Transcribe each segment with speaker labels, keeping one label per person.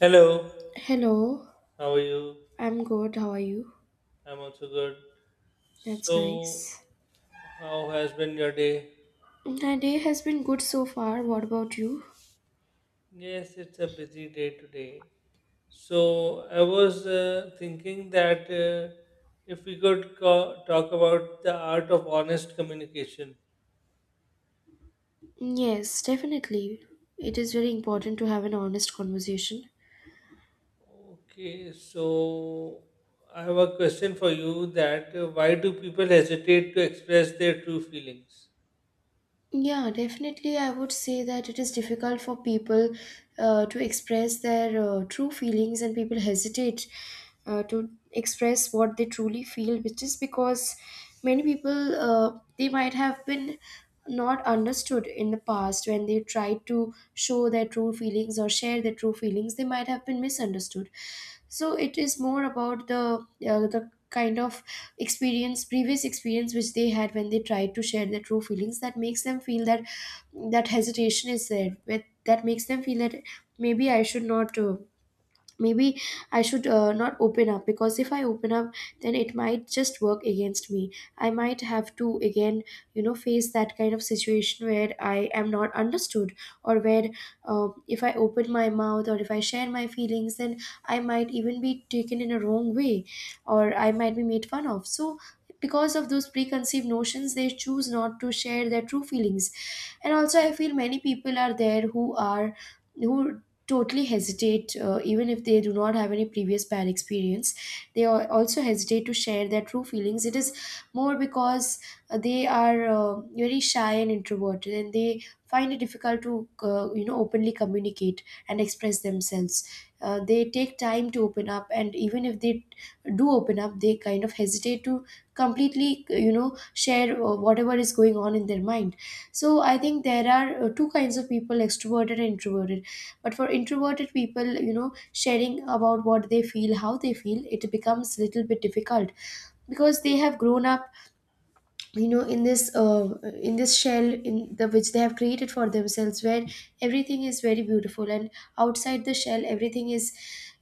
Speaker 1: Hello,
Speaker 2: Hello,
Speaker 1: how are you?
Speaker 2: I'm good. How are you?
Speaker 1: I'm also good.
Speaker 2: That's
Speaker 1: So,
Speaker 2: nice.
Speaker 1: how has been your day?
Speaker 2: My day has been good so far. What about you?
Speaker 1: Yes, it's a busy day today. So, I was thinking that if we could talk about the art of honest communication.
Speaker 2: Yes, definitely. It is very important to have an honest conversation.
Speaker 1: Okay, so I have a question for you that why do people hesitate to express their true feelings?
Speaker 2: Yeah, definitely. I would say that it is difficult for people to express their true feelings, and people hesitate to express what they truly feel, which is because many people they might have been not understood in the past when they tried to show their true feelings or share their true feelings. They might have been misunderstood, so it is more about the the kind of experience previous experience which they had when they tried to share their true feelings that makes them feel that that hesitation is there with- that makes them feel that maybe I should not maybe I should not open up, because if I open up then it might just work against me. I might have to again, you know, face that kind of situation where I am not understood, or where, if I open my mouth or if I share my feelings, then I might even be taken in a wrong way, or I might be made fun of. So because of those preconceived notions, they choose not to share their true feelings. And also I feel many people are there who are who totally hesitate, even if they do not have any previous bad experience. They also hesitate to share their true feelings. It is more because they are very shy and introverted, and they find it difficult to, you know, openly communicate and express themselves. They take time to open up, and even if they do open up, they kind of hesitate to completely, you know, share whatever is going on in their mind. So I think there are two kinds of people, extroverted and introverted, but for introverted people, you know, sharing about what they feel, how they feel, it becomes a little bit difficult, because they have grown up, you know, in this in this shell in the which they have created for themselves, where everything is very beautiful, and outside the shell everything is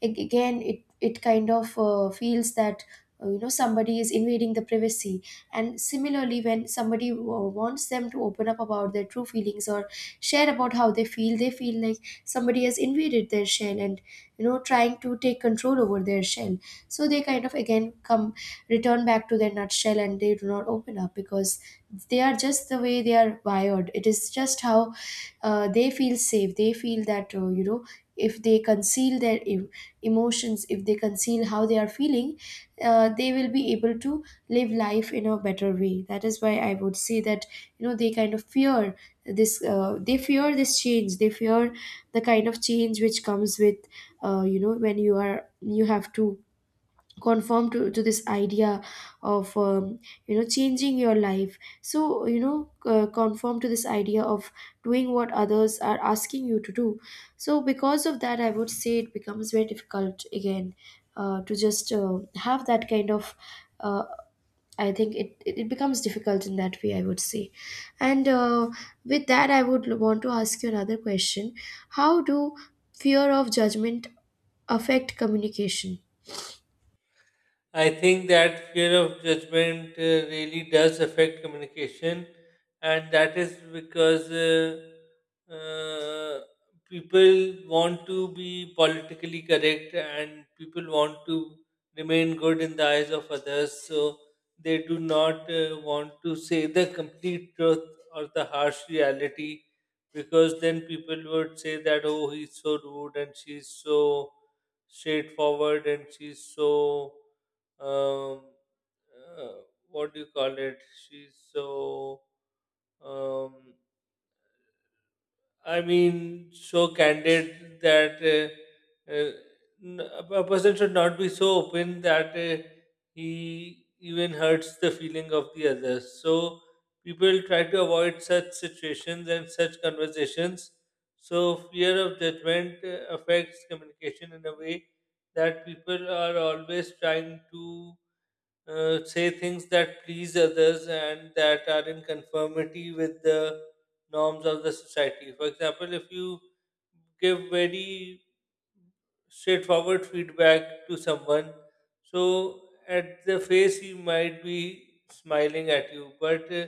Speaker 2: again. It kind of feels that, you know, somebody is invading the privacy. And similarly, when somebody wants them to open up about their true feelings or share about how they feel, they feel like somebody has invaded their shell and, you know, trying to take control over their shell. So they kind of again come return back to their nutshell, and they do not open up because they are just the way they are wired. It is just how, they feel safe. They feel that, you know, if they conceal their emotions, if they conceal how they are feeling, they will be able to live life in a better way. That is why I would say that, you know, they kind of fear this, they fear this change. They fear the kind of change which comes with, you know, when you are you have to conform to this idea of you know, changing your life. So, you know, conform to this idea of doing what others are asking you to do. So, because of that, I would say it becomes very difficult again to just have that kind of uh, I think it becomes difficult in that way, I would say. And with that, I would want to ask you another question. How do fear of judgment affect communication?
Speaker 1: I think that fear of judgment really does affect communication, and that is because uh, people want to be politically correct and people want to remain good in the eyes of others, so they do not want to say the complete truth or the harsh reality because then people would say that, oh, he's so rude and she's so straightforward and she's so um, uh, what do you call it? She's so, um, I mean, so candid that uh, uh, a person should not be so open that he even hurts the feeling of the others. So people try to avoid such situations and such conversations. So fear of judgment affects communication in a way that people are always trying to say things that please others and that are in conformity with the norms of the society. For example, if you give very straightforward feedback to someone. So at the face, he might be smiling at you, but uh,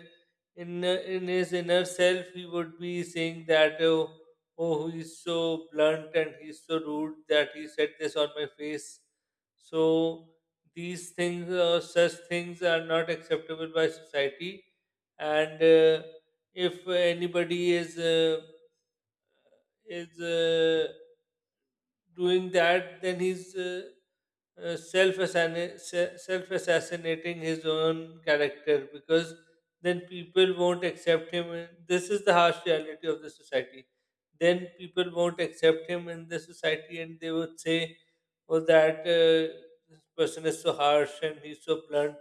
Speaker 1: in uh, in his inner self, he would be saying that, "Oh, oh, he's so blunt and he's so rude that he said this on my face." So these things, such things, are not acceptable by society, and if anybody is is uh, doing that, then he's self assassinating his own character because then people won't accept him. This is the harsh reality of the society. Then people won't accept him in the society, and they would say, "Oh, that this person is so harsh and he's so blunt.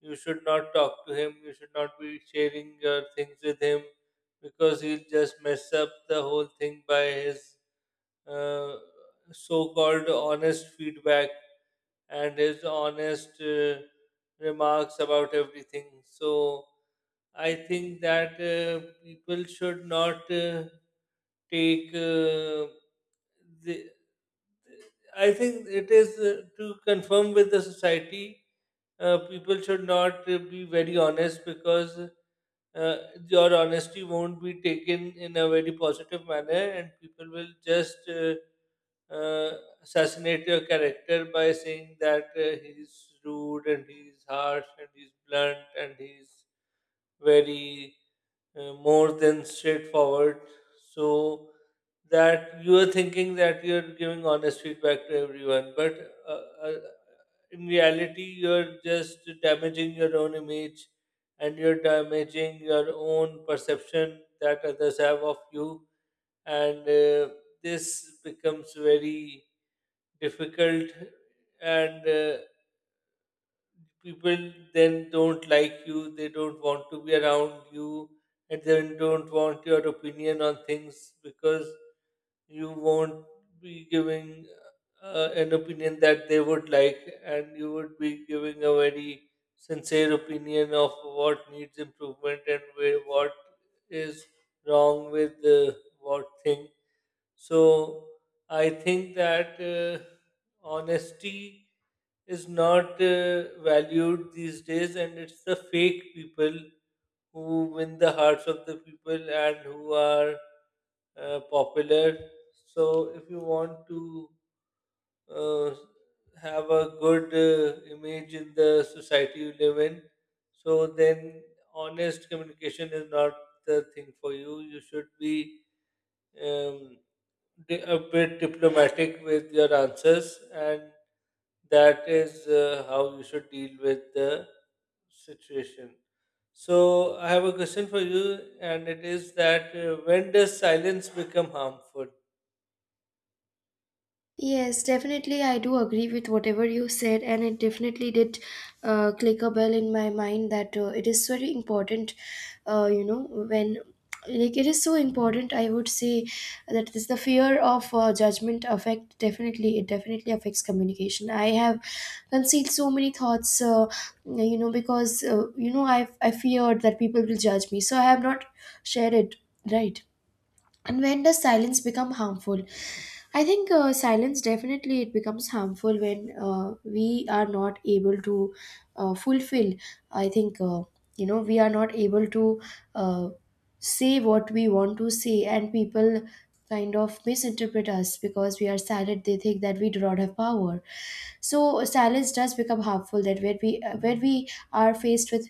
Speaker 1: You should not talk to him. You should not be sharing your things with him because he'll just mess up the whole thing by his uh, so-called honest feedback and his honest remarks about everything. So I think that people should not take. Uh, the, I think it is to confirm with the society. People should not be very honest because uh, your honesty won't be taken in a very positive manner, and people will just. uh, assassinate your character by saying that he's rude and he's harsh and he's blunt and he's very more than straightforward. So that you are thinking that you're giving honest feedback to everyone, but uh, uh, in reality, you're just damaging your own image and you're damaging your own perception that others have of you. And this becomes very difficult and people then don't like you, they don't want to be around you and then don't want your opinion on things because you won't be giving an opinion that they would like and you would be giving a very sincere opinion of what needs improvement and where, what is wrong with what thing. So I think that honesty is not valued these days, and it's the fake people who win the hearts of the people and who are popular. So if you want to uh, have a good image in the society you live in, so then honest communication is not the thing for you. You should be um, a bit diplomatic with your answers, and that is how you should deal with the situation. So, I have a question for you, and it is that when does silence become harmful?
Speaker 2: Yes, definitely. I do agree with whatever you said, and it definitely did click a bell in my mind that, it is very important, you know, when, like, it is so important, I would say. That is the fear of judgment affect. Definitely it definitely affects communication. I have concealed so many thoughts, you know, because, you know, I feared that people will judge me, so I have not shared it. Right. And when does silence become harmful? I think, silence definitely it becomes harmful when, we are not able to fulfill. I think, you know, we are not able to uh, say what we want to say, and people kind of misinterpret us because we are silent. They think that we do not have power. So silence does become harmful, that where we are faced with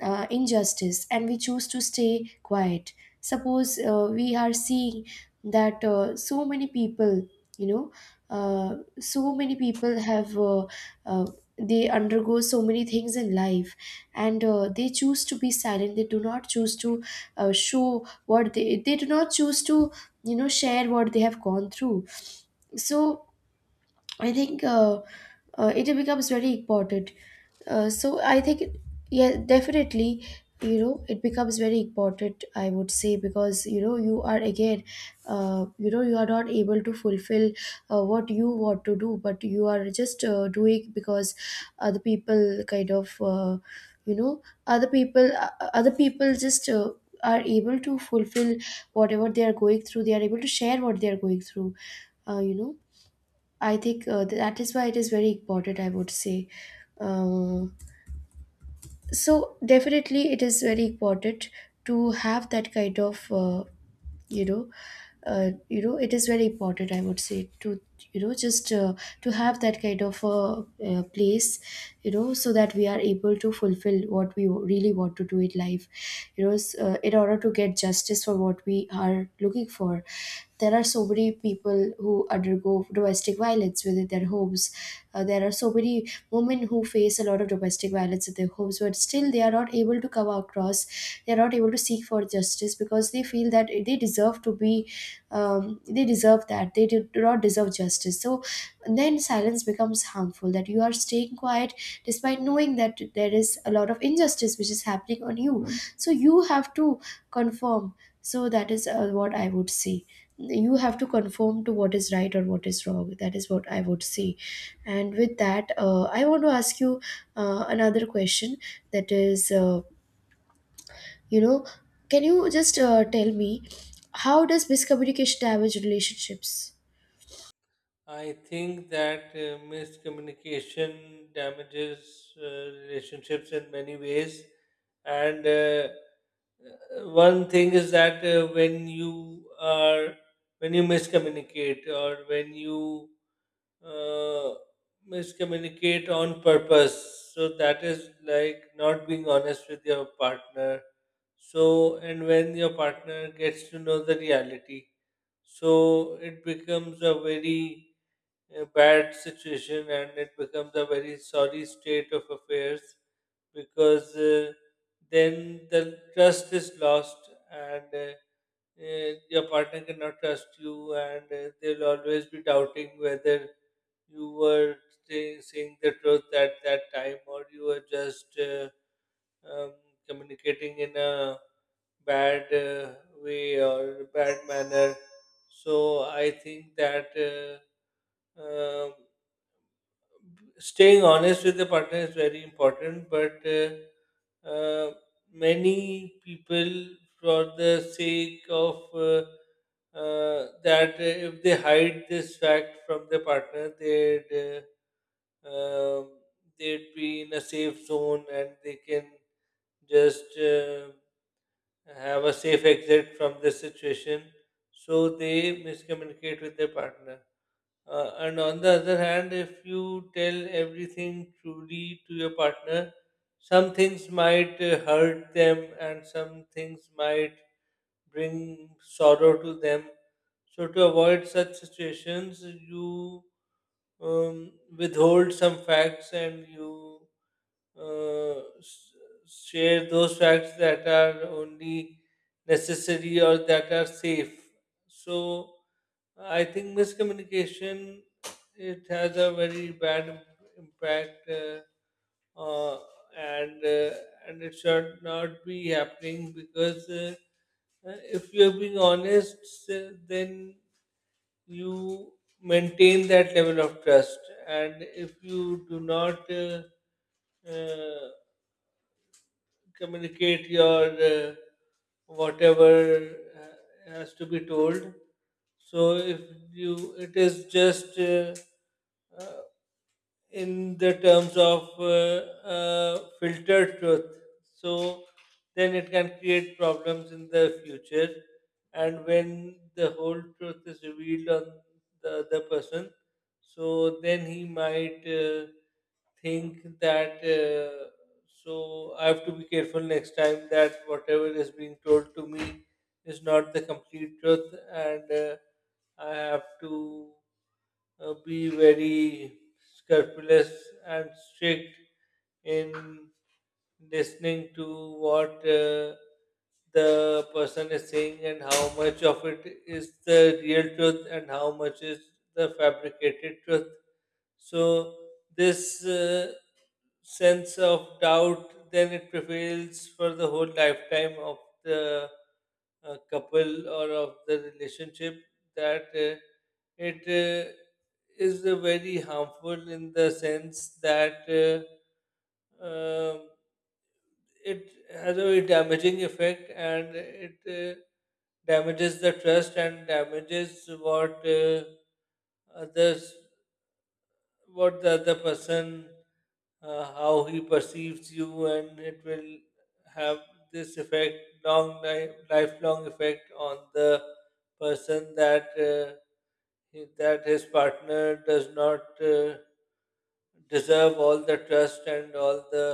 Speaker 2: injustice and we choose to stay quiet. Suppose, we are seeing that, so many people, you know, so many people have uh, they undergo so many things in life, and, they choose to be silent. They do not choose to show what they do not choose to, you know, share what they have gone through. So I think, it becomes very important. Uh, so I think, it- yeah, definitely, you know, it becomes very important, I would say. Because, you know, you are again, you know, you are not able to fulfill what you want to do, but you are just doing because other people kind of, other people just are able to fulfill whatever they are going through. They are able to share what they are going through, you know. I think, that is why it is very important, I would say. Um, so definitely it is very important to have that kind of, you know, you know it is very important I would say to you know just to have that kind of a, place, you know, so that we are able to fulfill what we really want to do in life, you know, in order to get justice for what we are looking for. There are so many people who undergo domestic violence within their homes. There are so many women who face a lot of domestic violence in their homes, but still they are not able to come across. They are not able to seek for justice because they feel that they deserve to be, they deserve that they do not deserve justice. So then silence becomes harmful, that you are staying quiet despite knowing that there is a lot of injustice which is happening on you. So you have to conform. So that is, what I would say. You have to conform to what is right or what is wrong. That is what I would say. And with that, I want to ask you another question. That is, you know, can you just, tell me, how does miscommunication damage relationships?
Speaker 1: I think that miscommunication damages relationships in many ways, and one thing is that when you are when you miscommunicate or when you uh, miscommunicate on purpose. So that is like not being honest with your partner. So, and when your partner gets to know the reality, so it becomes a very bad situation and it becomes a very sorry state of affairs because then the trust is lost and your partner cannot trust you and they'll always be doubting whether you were saying the truth at that time, or you were just um, communicating in a bad way or bad manner. So I think that um staying honest with the partner is very important, but uh, many people, for the sake of if they hide this fact from the partner, they'd um, they'd be in a safe zone and they can just have a safe exit from this situation. So they miscommunicate with their partner. And on the other hand, if you tell everything truly to your partner, some things might hurt them and some things might bring sorrow to them. So, to avoid such situations, you withhold some facts and you uh, s- share those facts that are only necessary or that are safe. So I think miscommunication, it has a very bad impact, uh, and uh, and it should not be happening because if you are being honest, then you maintain that level of trust, and if you do not uh, communicate your whatever has to be told, so if you it is just uh, in the terms of filtered truth. So then it can create problems in the future. And when the whole truth is revealed on the other person, so then he might think that. So I have to be careful next time that whatever is being told to me is not the complete truth, and I have to be very scrupulous and strict in listening to what the person is saying and how much of it is the real truth and how much is the fabricated truth. So, this sense of doubt, then it prevails for the whole lifetime of the a couple or of the relationship, that it is very harmful in the sense that um it has a very damaging effect and it damages the trust and damages what others, what the other person, how he perceives you, and it will have this effect long lifelong effect on the person, that that his partner does not uh, deserve all the trust and all the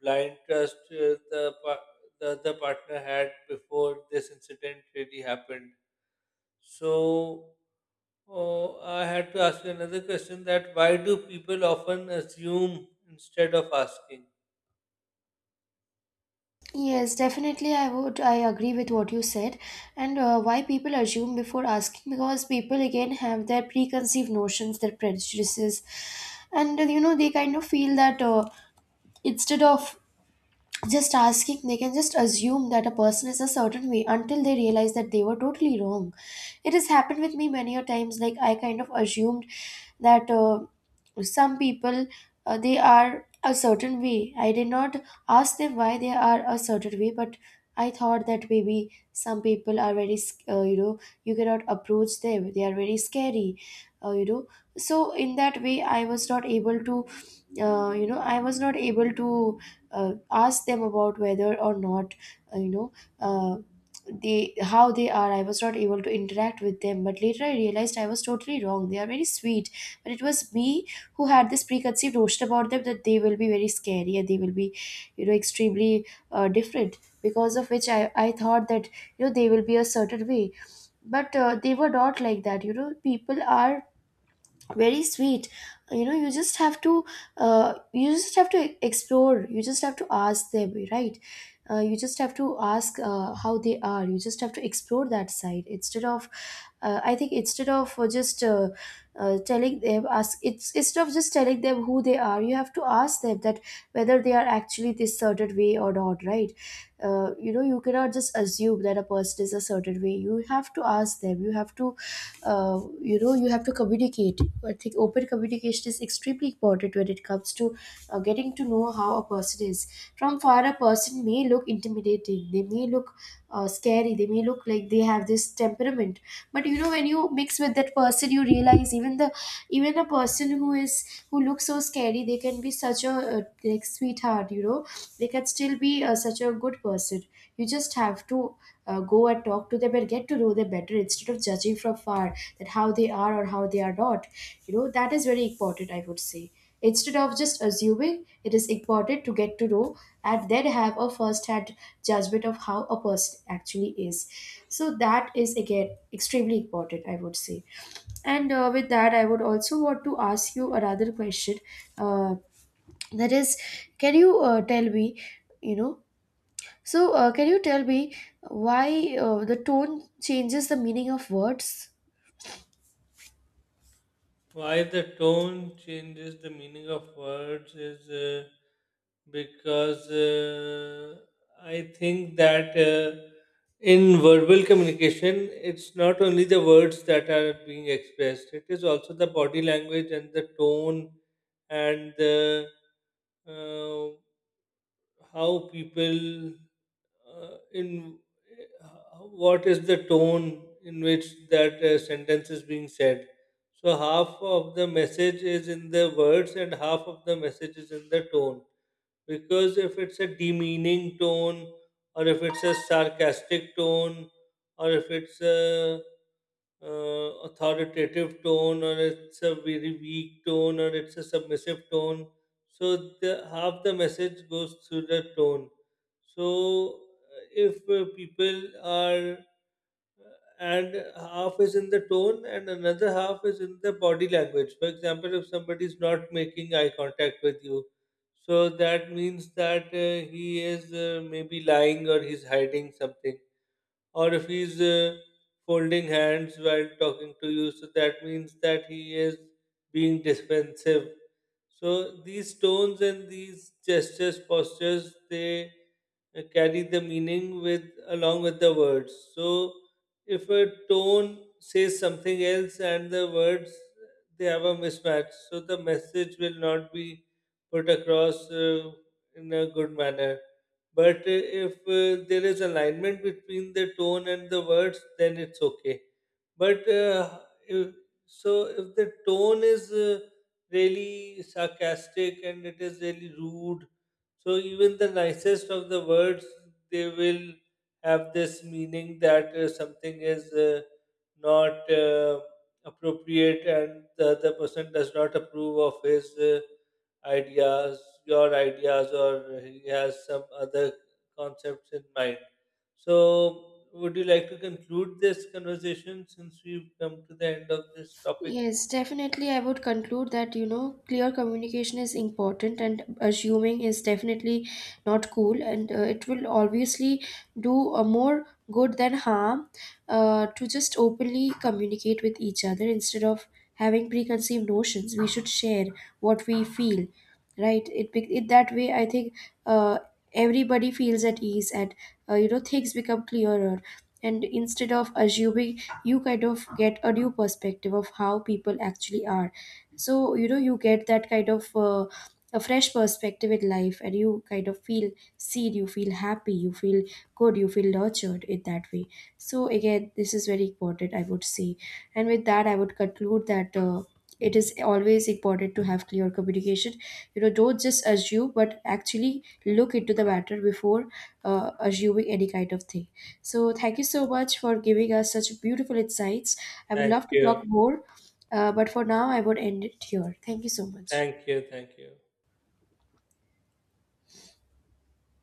Speaker 1: blind trust the other partner had before this incident really happened. So, oh, I had to ask you another question, that why do people often assume instead of asking?
Speaker 2: Yes, definitely. I would. I agree with what you said, and, why people assume before asking, because people again have their preconceived notions, their prejudices, and, you know, they kind of feel that, instead of just asking, they can just assume that a person is a certain way, until they realize that they were totally wrong. It has happened with me many a times. Like, I kind of assumed that, some people, they are a certain way. I did not ask them why they are a certain way, but I thought that maybe some people are very you know, you cannot approach them, they are very scary, you know. So in that way I was not able to, you know I was not able to ask them about whether or not, uh, you know uh, they how they are. I was not able to interact with them, but later I realized I was totally wrong. They are very sweet, but it was me who had this preconceived notion about them, that they will be very scary and they will be, you know, extremely different, because of which I thought that, you know, they will be a certain way. But, they were not like that. You know, people are very sweet. You know, you just have to, you just have to explore you just have to ask them, right? You just have to ask, how they are. You just have to explore that side, instead of, I think instead of just telling them ask it's instead of just telling them who they are, you have to ask them that whether they are actually this certain way or not, right? You know, you cannot just assume that a person is a certain way. You have to ask them, you have to, you know, you have to communicate. I think open communication is extremely important when it comes to, getting to know how a person is. From far, a person may look intimidating. They may look, scary. They may look like they have this temperament, but you know, when you mix with that person, you realize even a person who is who looks so scary, they can be such a, like, sweetheart, you know. They can still be, such a good person. You just have to, go and talk to them and get to know them better, instead of judging from far that how they are or how they are not. You know, that is very important, I would say. Instead of just assuming, it is important to get to know and then have a first hand judgment of how a person actually is. So that is again extremely important, I would say. And, with that, I would also want to ask you another question, uh, that is, can you, tell me, you know, can you tell me, why the tone changes the meaning of words?
Speaker 1: Why the tone changes the meaning of words is because I think that in verbal communication, it's not only the words that are being expressed, it is also the body language and the tone and the uh, how people in uh, what is the tone in which that sentence is being said. So half of the message is in the words and half of the message is in the tone, because if it's a demeaning tone, or if it's a sarcastic tone, or if it's a authoritative tone, or it's a very weak tone, or it's a submissive tone, so the half the message goes through the tone. So if people are, and half is in the tone and another half is in the body language. For example, if somebody is not making eye contact with you, so that means that he is maybe lying or he's hiding something, or if he's folding hands while talking to you, so that means that he is being defensive. So these tones and these gestures, postures, they carry the meaning with along with the words. So if a tone says something else and the words, they have a mismatch, so the message will not be put across in a good manner. But if there is alignment between the tone and the words, then it's okay. But if, so if the tone is really sarcastic and it is really rude. So even the nicest of the words, they will have this meaning that something is not appropriate and the other person does not approve of his ideas, your ideas, or he has some other concepts in mind. So, would you like to conclude this conversation since we've come to the end of this topic?
Speaker 2: Yes, definitely. I would conclude that, you know, clear communication is important, and assuming is definitely not cool, and, it will obviously do a more good than harm, to just openly communicate with each other instead of having preconceived notions. We should share what we feel. Right. It that way I think, uh, everybody feels at ease, and, you know, things become clearer, and instead of assuming, you kind of get a new perspective of how people actually are. So, you know, you get that kind of, a fresh perspective in life, and you kind of feel seen, you feel happy, you feel good, you feel nurtured in that way. So again, this is very important, I would say. And with that, I would conclude that, it is always important to have clear communication. You know, don't just assume, but actually look into the matter before, assuming any kind of thing. So thank you so much for giving us such beautiful insights. I would
Speaker 1: Thank
Speaker 2: love to
Speaker 1: you.
Speaker 2: talk more, but for now I would end it here. Thank you so much.
Speaker 1: Thank you. Thank you.